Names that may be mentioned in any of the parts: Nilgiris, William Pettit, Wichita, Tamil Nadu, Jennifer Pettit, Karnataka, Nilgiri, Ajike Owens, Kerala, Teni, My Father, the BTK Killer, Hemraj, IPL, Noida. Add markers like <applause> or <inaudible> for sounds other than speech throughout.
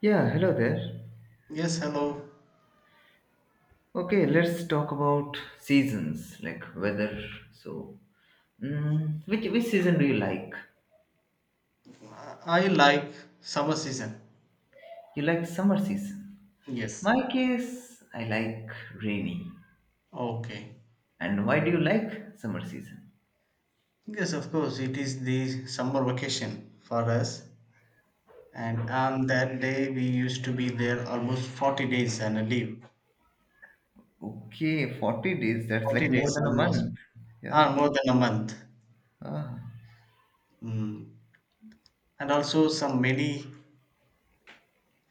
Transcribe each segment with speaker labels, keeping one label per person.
Speaker 1: Yeah, hello there.
Speaker 2: Yes, hello.
Speaker 1: Okay, let's talk about seasons, like weather. So, which season do you like?
Speaker 2: I like summer season.
Speaker 1: You like summer season.
Speaker 2: Yes.
Speaker 1: My case, I like rainy.
Speaker 2: Okay.
Speaker 1: And why do you like summer season?
Speaker 2: Yes, of course, it is the summer vacation for us. And on that day, we used to be there almost 40 days and a leave.
Speaker 1: Okay, 40 days, that's
Speaker 2: 40
Speaker 1: like more
Speaker 2: days
Speaker 1: than a
Speaker 2: almost.
Speaker 1: month. Yeah.
Speaker 2: Ah, more than a month.
Speaker 1: Ah.
Speaker 2: Mm. And also some many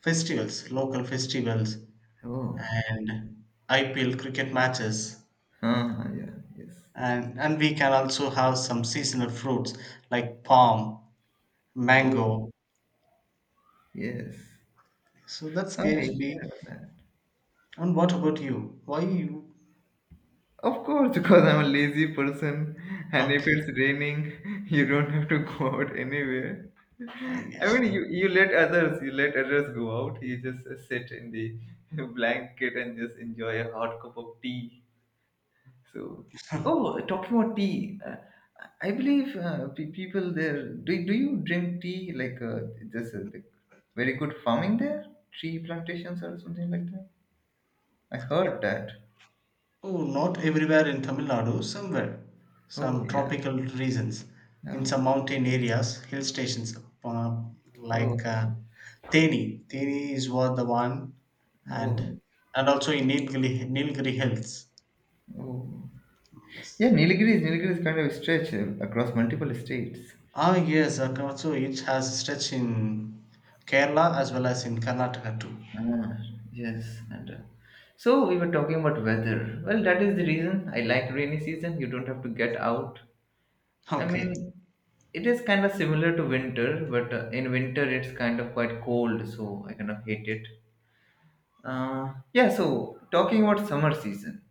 Speaker 2: festivals, local festivals
Speaker 1: Oh. <laughs>
Speaker 2: and IPL cricket matches.
Speaker 1: Ah, yeah, yes.
Speaker 2: And we can also have some seasonal fruits like palm,
Speaker 1: Oh,
Speaker 2: mango,
Speaker 1: yes.
Speaker 2: so that scares
Speaker 1: Okay,
Speaker 2: me.
Speaker 1: yeah.
Speaker 2: And what about you? Why you?
Speaker 1: Of course, because I'm a lazy person, and if
Speaker 2: Okay,
Speaker 1: it's raining, <laughs> you don't have to <laughs> go out anywhere.
Speaker 2: I
Speaker 1: I
Speaker 2: guess.
Speaker 1: mean, you let others go out. You just sit in the <laughs> blanket and just enjoy a hot cup of tea. So, oh, talking about tea, I believe people there do you drink tea like very good farming there, tree plantations or something like that. I heard that.
Speaker 2: Oh, not everywhere in Tamil Nadu, somewhere.
Speaker 1: Oh
Speaker 2: Some
Speaker 1: yeah,
Speaker 2: tropical regions, in
Speaker 1: yeah.
Speaker 2: some mountain areas, hill stations, uh,
Speaker 1: Oh,
Speaker 2: like
Speaker 1: okay.
Speaker 2: uh, Teni. Teni is what the one, and
Speaker 1: Oh,
Speaker 2: also in Nilgiri, Nilgiri Hills.
Speaker 1: oh. Yeah,
Speaker 2: Yes.
Speaker 1: Nilgiris kind of stretch across multiple states.
Speaker 2: Ah, yes. And also, it has stretch in Kerala as well as in Karnataka too.
Speaker 1: Ah, yes. And so we were talking about weather. Well, that is the reason I like rainy season. You don't have to get out. I
Speaker 2: Okay.
Speaker 1: mean, it is kind of similar to winter, but in winter it's kind of quite cold, so I kind of hate it. Yeah, so talking about summer season,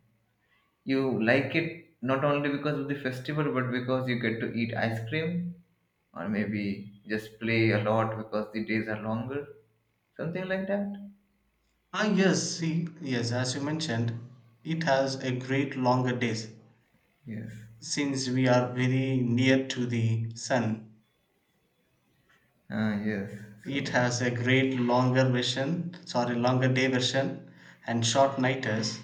Speaker 1: you like it not only because of the festival, but because you get to eat ice cream. Or maybe just play a lot because the days are longer, something like that.
Speaker 2: Ah, yes, see, yes, as you mentioned, it has a great longer days.
Speaker 1: Yes,
Speaker 2: Since we are very near to the sun,
Speaker 1: ah, yes. So,
Speaker 2: it has a great longer version, sorry, longer day version and short nighters.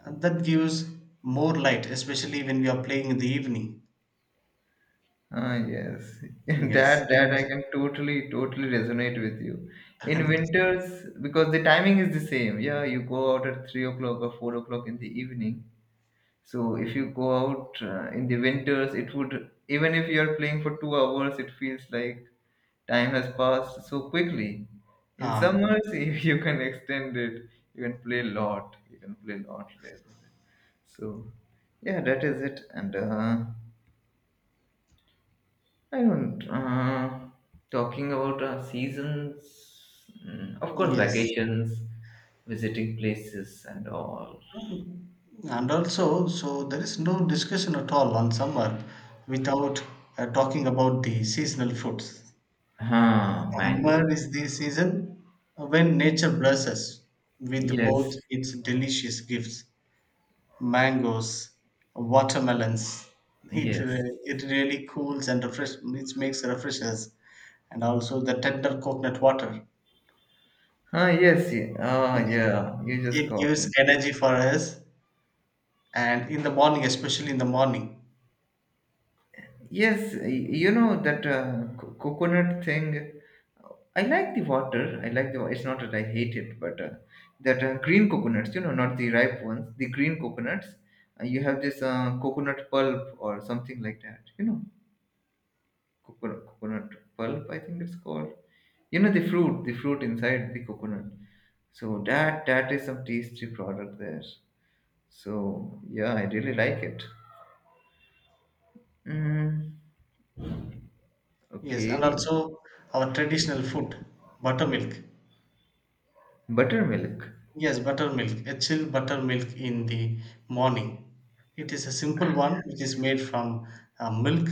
Speaker 2: And that gives more light, especially when we are playing in the evening.
Speaker 1: ah, yes. <laughs>
Speaker 2: Yes.
Speaker 1: That
Speaker 2: in-
Speaker 1: I can totally resonate with you in
Speaker 2: <laughs>
Speaker 1: winters, because the timing is the same, yeah, you go out at 3 o'clock or 4 o'clock in the evening. So if you go out in the winters, it would, even if you are playing for 2 hours, it feels like time has passed so quickly. In
Speaker 2: Ah,
Speaker 1: summers, <laughs> if you can extend it, you can play a lot. You can play a lot later. So yeah, that is it. And I don't. Talking about seasons. Of course,
Speaker 2: yes.
Speaker 1: vacations, visiting places, and all.
Speaker 2: And also, so there is no discussion at all on summer without talking about the seasonal fruits.
Speaker 1: Huh,
Speaker 2: Summer
Speaker 1: mango.
Speaker 2: is the season when nature blesses with both
Speaker 1: Yes,
Speaker 2: its delicious gifts, mangoes, watermelons. It,
Speaker 1: yes.
Speaker 2: re- it really cools and refresh, it makes refreshes, and also the tender coconut water.
Speaker 1: Ah, yes. Ah, yeah. You just
Speaker 2: It
Speaker 1: got
Speaker 2: gives
Speaker 1: me.
Speaker 2: energy for us, and in the morning, especially in the morning.
Speaker 1: Yes, you know that coconut thing. I like the water. I like the. Wa- It's not that I hate it, but that green coconuts. You know, not the ripe ones. The green coconuts. You have this coconut pulp or something like that. You know, coconut pulp. I think it's called. You know the fruit. The fruit inside the coconut. So that is some tasty product there. So yeah, I really like it. Mm.
Speaker 2: Yes, and
Speaker 1: Okay.
Speaker 2: also our traditional food, buttermilk.
Speaker 1: Buttermilk.
Speaker 2: Yes, buttermilk, a chilled buttermilk in the morning. It is a simple one which is made from milk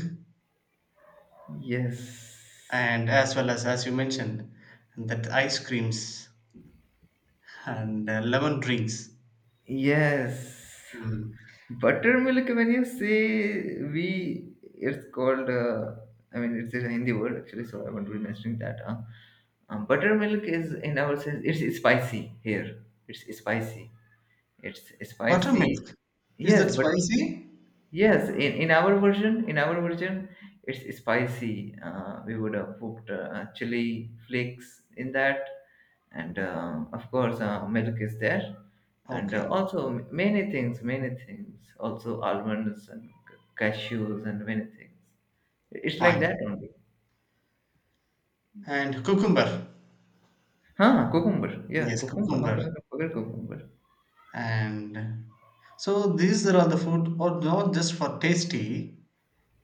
Speaker 1: Yes.
Speaker 2: and as well as you mentioned, that ice creams and lemon drinks.
Speaker 1: Yes.
Speaker 2: Mm.
Speaker 1: Buttermilk, when you say we, it's called, I mean, it's a Hindi word actually, so I won't be mentioning that. Huh? Buttermilk is in our sense, it's spicy here. It's spicy. It's spicy.
Speaker 2: Buttermilk, is that
Speaker 1: Yes, but.
Speaker 2: spicy?
Speaker 1: Yes, in our version, it's spicy. We would have put chili flakes in that, and of course, milk is there, and
Speaker 2: Okay,
Speaker 1: also many things. Also almonds and cashews and many things. It's like
Speaker 2: fine.
Speaker 1: that only.
Speaker 2: And cucumber,
Speaker 1: Huh? Cucumber. Yeah,
Speaker 2: yes,
Speaker 1: cucumber. How
Speaker 2: cucumber.
Speaker 1: can I forget cucumber?
Speaker 2: And so these are the food, or not just for tasty,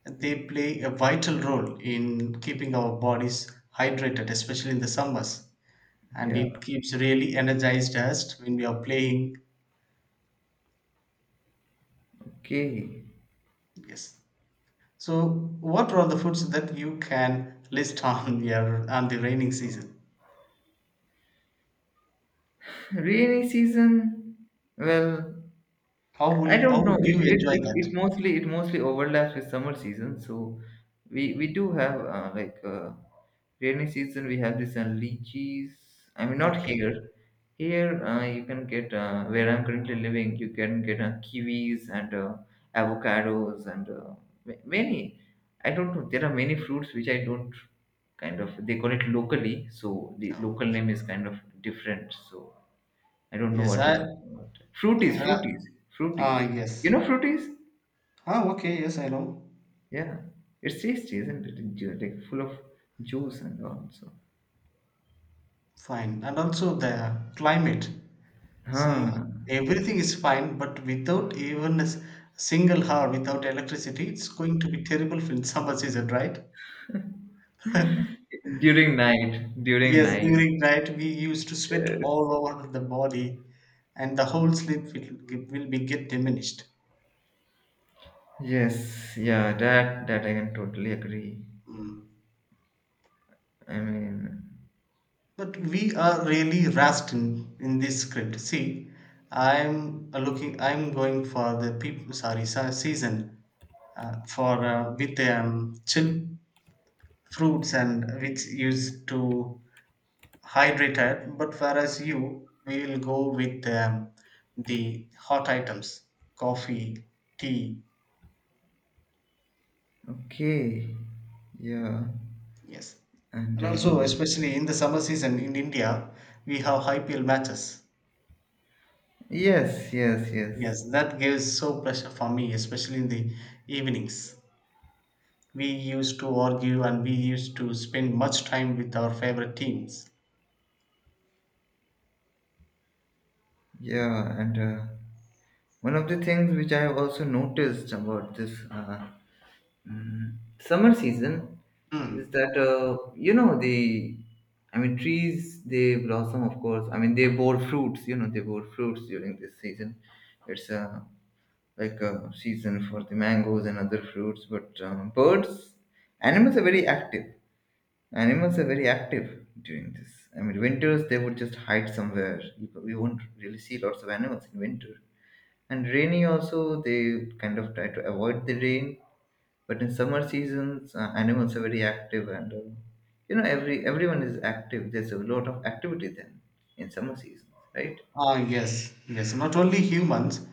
Speaker 2: they play a vital role in keeping our bodies hydrated, especially in the summers, and
Speaker 1: Yeah.
Speaker 2: it keeps really energized us when we are playing.
Speaker 1: Okay.
Speaker 2: Yes. So, what are all the foods that you can list <laughs> on your on the raining season?
Speaker 1: Rainy season. Well,
Speaker 2: How
Speaker 1: I
Speaker 2: will
Speaker 1: don't
Speaker 2: how
Speaker 1: know.
Speaker 2: would
Speaker 1: It
Speaker 2: you
Speaker 1: it,
Speaker 2: enjoy
Speaker 1: it
Speaker 2: that?
Speaker 1: it mostly it mostly overlaps with summer season. So we do have like rainy season. We have this lychees. I mean, not
Speaker 2: Okay.
Speaker 1: here. Here you can get where I'm currently living. You can get kiwis and avocados and many. I don't know. There are many fruits which I don't kind of. They call it locally, so the
Speaker 2: No.
Speaker 1: local name is kind of different. So I don't know
Speaker 2: Yes,
Speaker 1: what
Speaker 2: I.
Speaker 1: it's called. Fruities,
Speaker 2: Uh,
Speaker 1: fruities,
Speaker 2: ah,
Speaker 1: fruities. You
Speaker 2: yes.
Speaker 1: know fruities?
Speaker 2: Ah, okay. Yes, I know.
Speaker 1: Yeah. It's tasty, isn't it? Like full of juice and all. So,
Speaker 2: Fine. And also the climate. See,
Speaker 1: huh.
Speaker 2: everything is fine, but without even a s- single hour, without electricity, it's going to be terrible for in summer season, right? <laughs>
Speaker 1: During night, during
Speaker 2: Yes,
Speaker 1: night.
Speaker 2: during night we used to sweat
Speaker 1: Yes.
Speaker 2: all over the body, and the whole sleep will be get diminished.
Speaker 1: Yes. Yeah. That I can totally agree.
Speaker 2: Mm.
Speaker 1: I mean,
Speaker 2: But we are really rushed in this script. See, I'm looking. I'm going for the people. Sorry, se- season for with chill fruits and which used to hydrated but whereas you will go with the hot items, coffee, tea,
Speaker 1: okay. Yeah.
Speaker 2: yes,
Speaker 1: And
Speaker 2: and also especially in the summer season in india we have ipl matches,
Speaker 1: yes, yes, yes.
Speaker 2: yes, that gives so pleasure for me, especially in the evenings, we used to argue and we used to spend much time with our favorite teams.
Speaker 1: Yeah. And one of the things which I have also noticed about this. Summer season is
Speaker 2: Hmm.
Speaker 1: that you know the, I mean, trees, they blossom, of course. I mean, they bore fruits. You know, they bore fruits during this season. It's like a season for the mangoes and other fruits, but birds, animals are very active animals are very active during this. I mean, winters they would just hide somewhere. You won't really see lots of animals in winter. And rainy also, they kind of try to avoid the rain. But in summer seasons, animals are very active, and you know, everyone is active. There's a lot of activity then in summer seasons, right?
Speaker 2: Ah, yes, yes. Not only humans,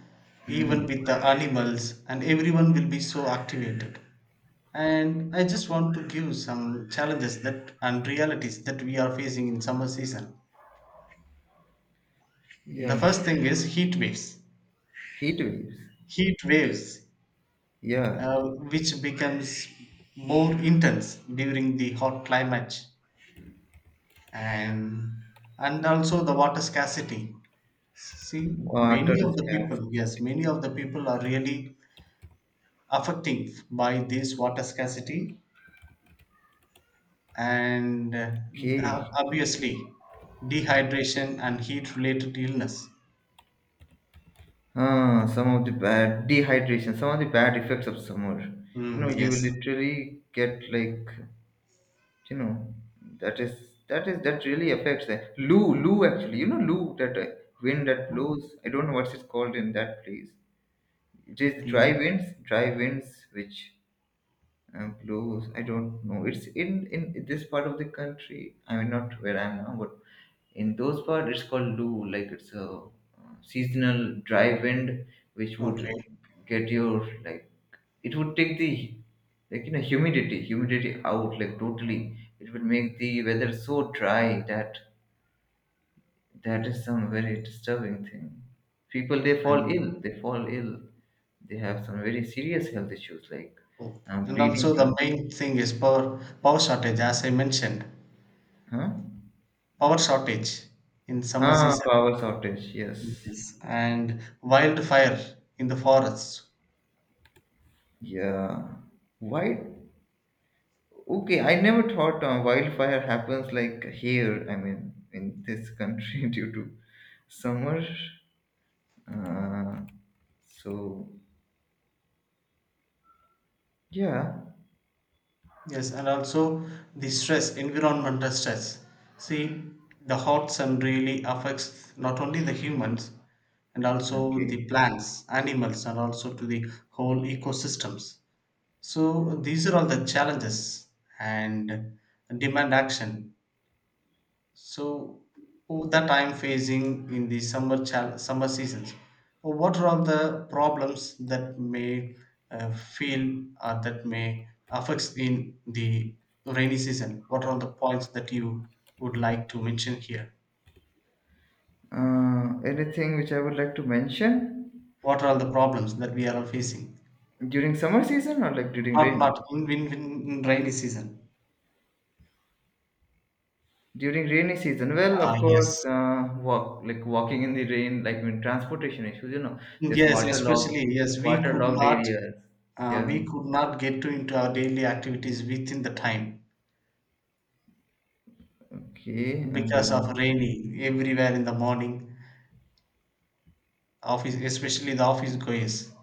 Speaker 1: Mm.
Speaker 2: even with the animals, and everyone will be so activated. And I just want to give some challenges that and realities that we are facing in summer season. The first
Speaker 1: Yes,
Speaker 2: thing is heat waves.
Speaker 1: heat waves.
Speaker 2: Heat waves,
Speaker 1: Yeah,
Speaker 2: uh, which becomes more intense during the hot climate, and also the water scarcity. See,
Speaker 1: water
Speaker 2: many of
Speaker 1: is
Speaker 2: the
Speaker 1: scarce.
Speaker 2: people, yes, many of the people are really affecting by this water scarcity, and ob-
Speaker 1: Okay.
Speaker 2: obviously dehydration and heat related illness.
Speaker 1: Ah, some of the bad dehydration, some of the bad effects of summer. You know,
Speaker 2: Mm,
Speaker 1: you
Speaker 2: yes.
Speaker 1: will literally get like, you know, that is that is, that really affects the Loo, loo actually. You know, loo, that wind that blows. I don't know what's it called in that place. It is dry
Speaker 2: No.
Speaker 1: winds dry winds which blows. I don't know, it's in this part of the country, I mean, not where I am now, but in those part it's called loo, like it's a seasonal dry wind, which would
Speaker 2: Okay.
Speaker 1: get your like, it would take the, like you know, humidity out, like totally, it would make the weather so dry that that is some very disturbing thing. People they fall
Speaker 2: And
Speaker 1: ill. They fall ill. They have some very serious health issues like
Speaker 2: oh, and
Speaker 1: bleeding
Speaker 2: also the
Speaker 1: from.
Speaker 2: main thing is power shortage, as I mentioned,
Speaker 1: Huh?
Speaker 2: power shortage in summer
Speaker 1: Huh.
Speaker 2: season.
Speaker 1: Power shortage. Yes.
Speaker 2: Yes. And wildfire in the forests.
Speaker 1: Yeah. Why? Okay, I never thought wildfire happens like here. I mean, in this country <laughs> due to summer. Uh, so yeah.
Speaker 2: Yes, and also the stress, environmental stress. See, the hot sun really affects not only the humans and also the
Speaker 1: Okay.
Speaker 2: plants, animals, and also to the whole ecosystems. So these are all the challenges and demand action. So oh, that I'm facing in the summer chal- summer seasons. Oh, what are all the problems that may feel or that may affects in the rainy season? What are all the points that you would like to mention here?
Speaker 1: Anything which I would like to mention?
Speaker 2: What are all the problems that we are all facing?
Speaker 1: During summer season or like during
Speaker 2: Not not
Speaker 1: rain?
Speaker 2: in, in rainy season.
Speaker 1: During rainy season, well,
Speaker 2: Ah,
Speaker 1: of course,
Speaker 2: yes.
Speaker 1: walk, like walking in the rain, like when transportation issues, you know, just
Speaker 2: Yes,
Speaker 1: waterlogged,
Speaker 2: especially, yes,
Speaker 1: waterlogged areas. Yeah.
Speaker 2: We could not get to into our daily activities within the time
Speaker 1: Okay. And
Speaker 2: because of rainy everywhere in the morning. Office, especially the office goers.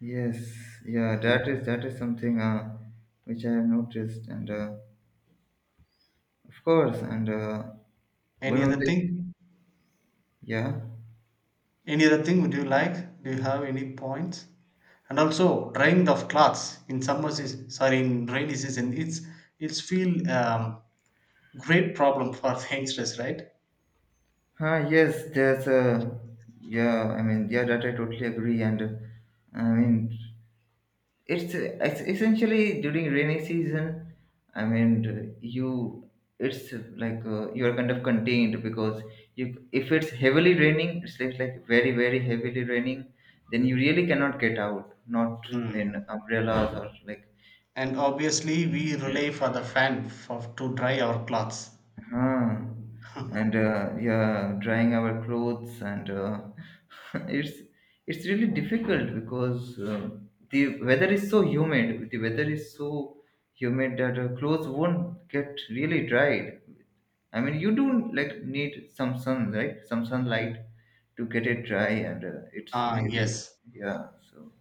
Speaker 1: yes, yeah,
Speaker 2: Mm.
Speaker 1: that is something which I have noticed, and of course, and one
Speaker 2: Any
Speaker 1: of
Speaker 2: other
Speaker 1: the.
Speaker 2: thing?
Speaker 1: Yeah.
Speaker 2: Any other thing would you like? Do you have any points? And also drying of clothes in summer season, sorry, in rainy season, it's feel great problem for <laughs> the youngsters, right?
Speaker 1: Huh, yes, there's a. Yeah, I mean, yeah, that I totally agree. And I mean, It's essentially during rainy season. I mean, you it's like you're kind of contained, because you if it's heavily raining, it's like very very heavily raining, then you really cannot get out, not
Speaker 2: Mm.
Speaker 1: in umbrellas or like.
Speaker 2: And obviously, we
Speaker 1: Yeah.
Speaker 2: rely for the fan for to dry our clothes.
Speaker 1: Huh. And yeah, drying our clothes and <laughs> it's it's really difficult because the weather is so humid. The weather is so humid that clothes won't get really dried. I mean, you do like need some sun, right? Some sunlight to get it dry, and it's
Speaker 2: Ah,
Speaker 1: really.
Speaker 2: yes.
Speaker 1: Yeah. So.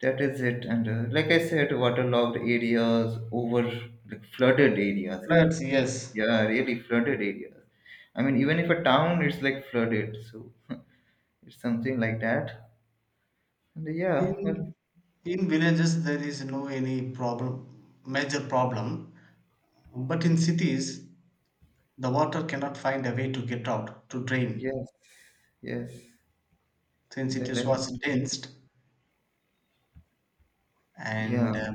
Speaker 1: That is it. And like I said, waterlogged areas, over like flooded areas,
Speaker 2: Floods,
Speaker 1: actually.
Speaker 2: yes.
Speaker 1: Yeah, really flooded areas. I mean, even if a town is like flooded, so <laughs> it's something like that. And yeah,
Speaker 2: In
Speaker 1: well,
Speaker 2: in villages there is no any problem, major problem, but in cities the water cannot find a way to get out to drain
Speaker 1: yes, yes,
Speaker 2: since it
Speaker 1: that
Speaker 2: is
Speaker 1: I,
Speaker 2: was dense
Speaker 1: yeah,
Speaker 2: and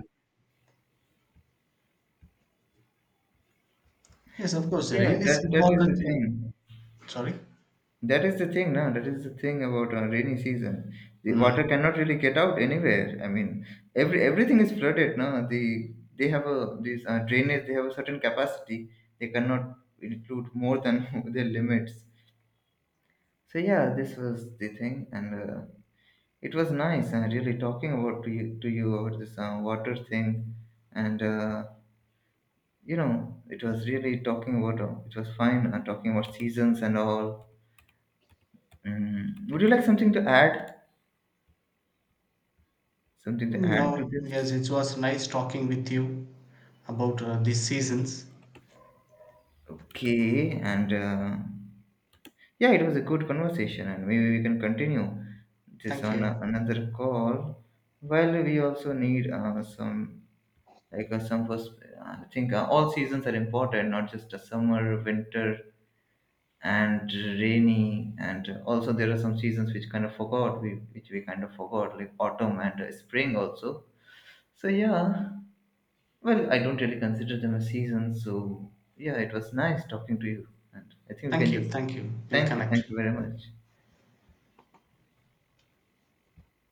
Speaker 2: yes of course
Speaker 1: yeah,
Speaker 2: rain is
Speaker 1: that is the
Speaker 2: important. In-
Speaker 1: thing.
Speaker 2: Sorry.
Speaker 1: That is the thing, no? That is the thing about rainy season. The
Speaker 2: Mm.
Speaker 1: water cannot really get out anywhere. I mean, everything is flooded, no? They have a these drainage. They have a certain capacity. They cannot include more than <laughs> their limits. So yeah, this was the thing, and it was nice. Really talking about to you about this water thing, and you know, it was really talking about. It was fine talking about seasons and all. Mm. Would you like something to add? Something to add to
Speaker 2: No,
Speaker 1: this?
Speaker 2: yes, it was nice talking with you about these seasons.
Speaker 1: Okay, and yeah, it was a good conversation, and maybe we can continue this
Speaker 2: Thank
Speaker 1: on
Speaker 2: you.
Speaker 1: another call. While we also need some like some first, I think all seasons are important, not just the summer, winter, and rainy, and also there are some seasons which we kind of forgot, like autumn and spring also. So yeah, well, I don't really consider them a season, so yeah, it was nice talking to you. And I think we
Speaker 2: Thank
Speaker 1: can
Speaker 2: you.
Speaker 1: just
Speaker 2: Thank you. We'll
Speaker 1: thank you.
Speaker 2: connect.
Speaker 1: Thank you very much.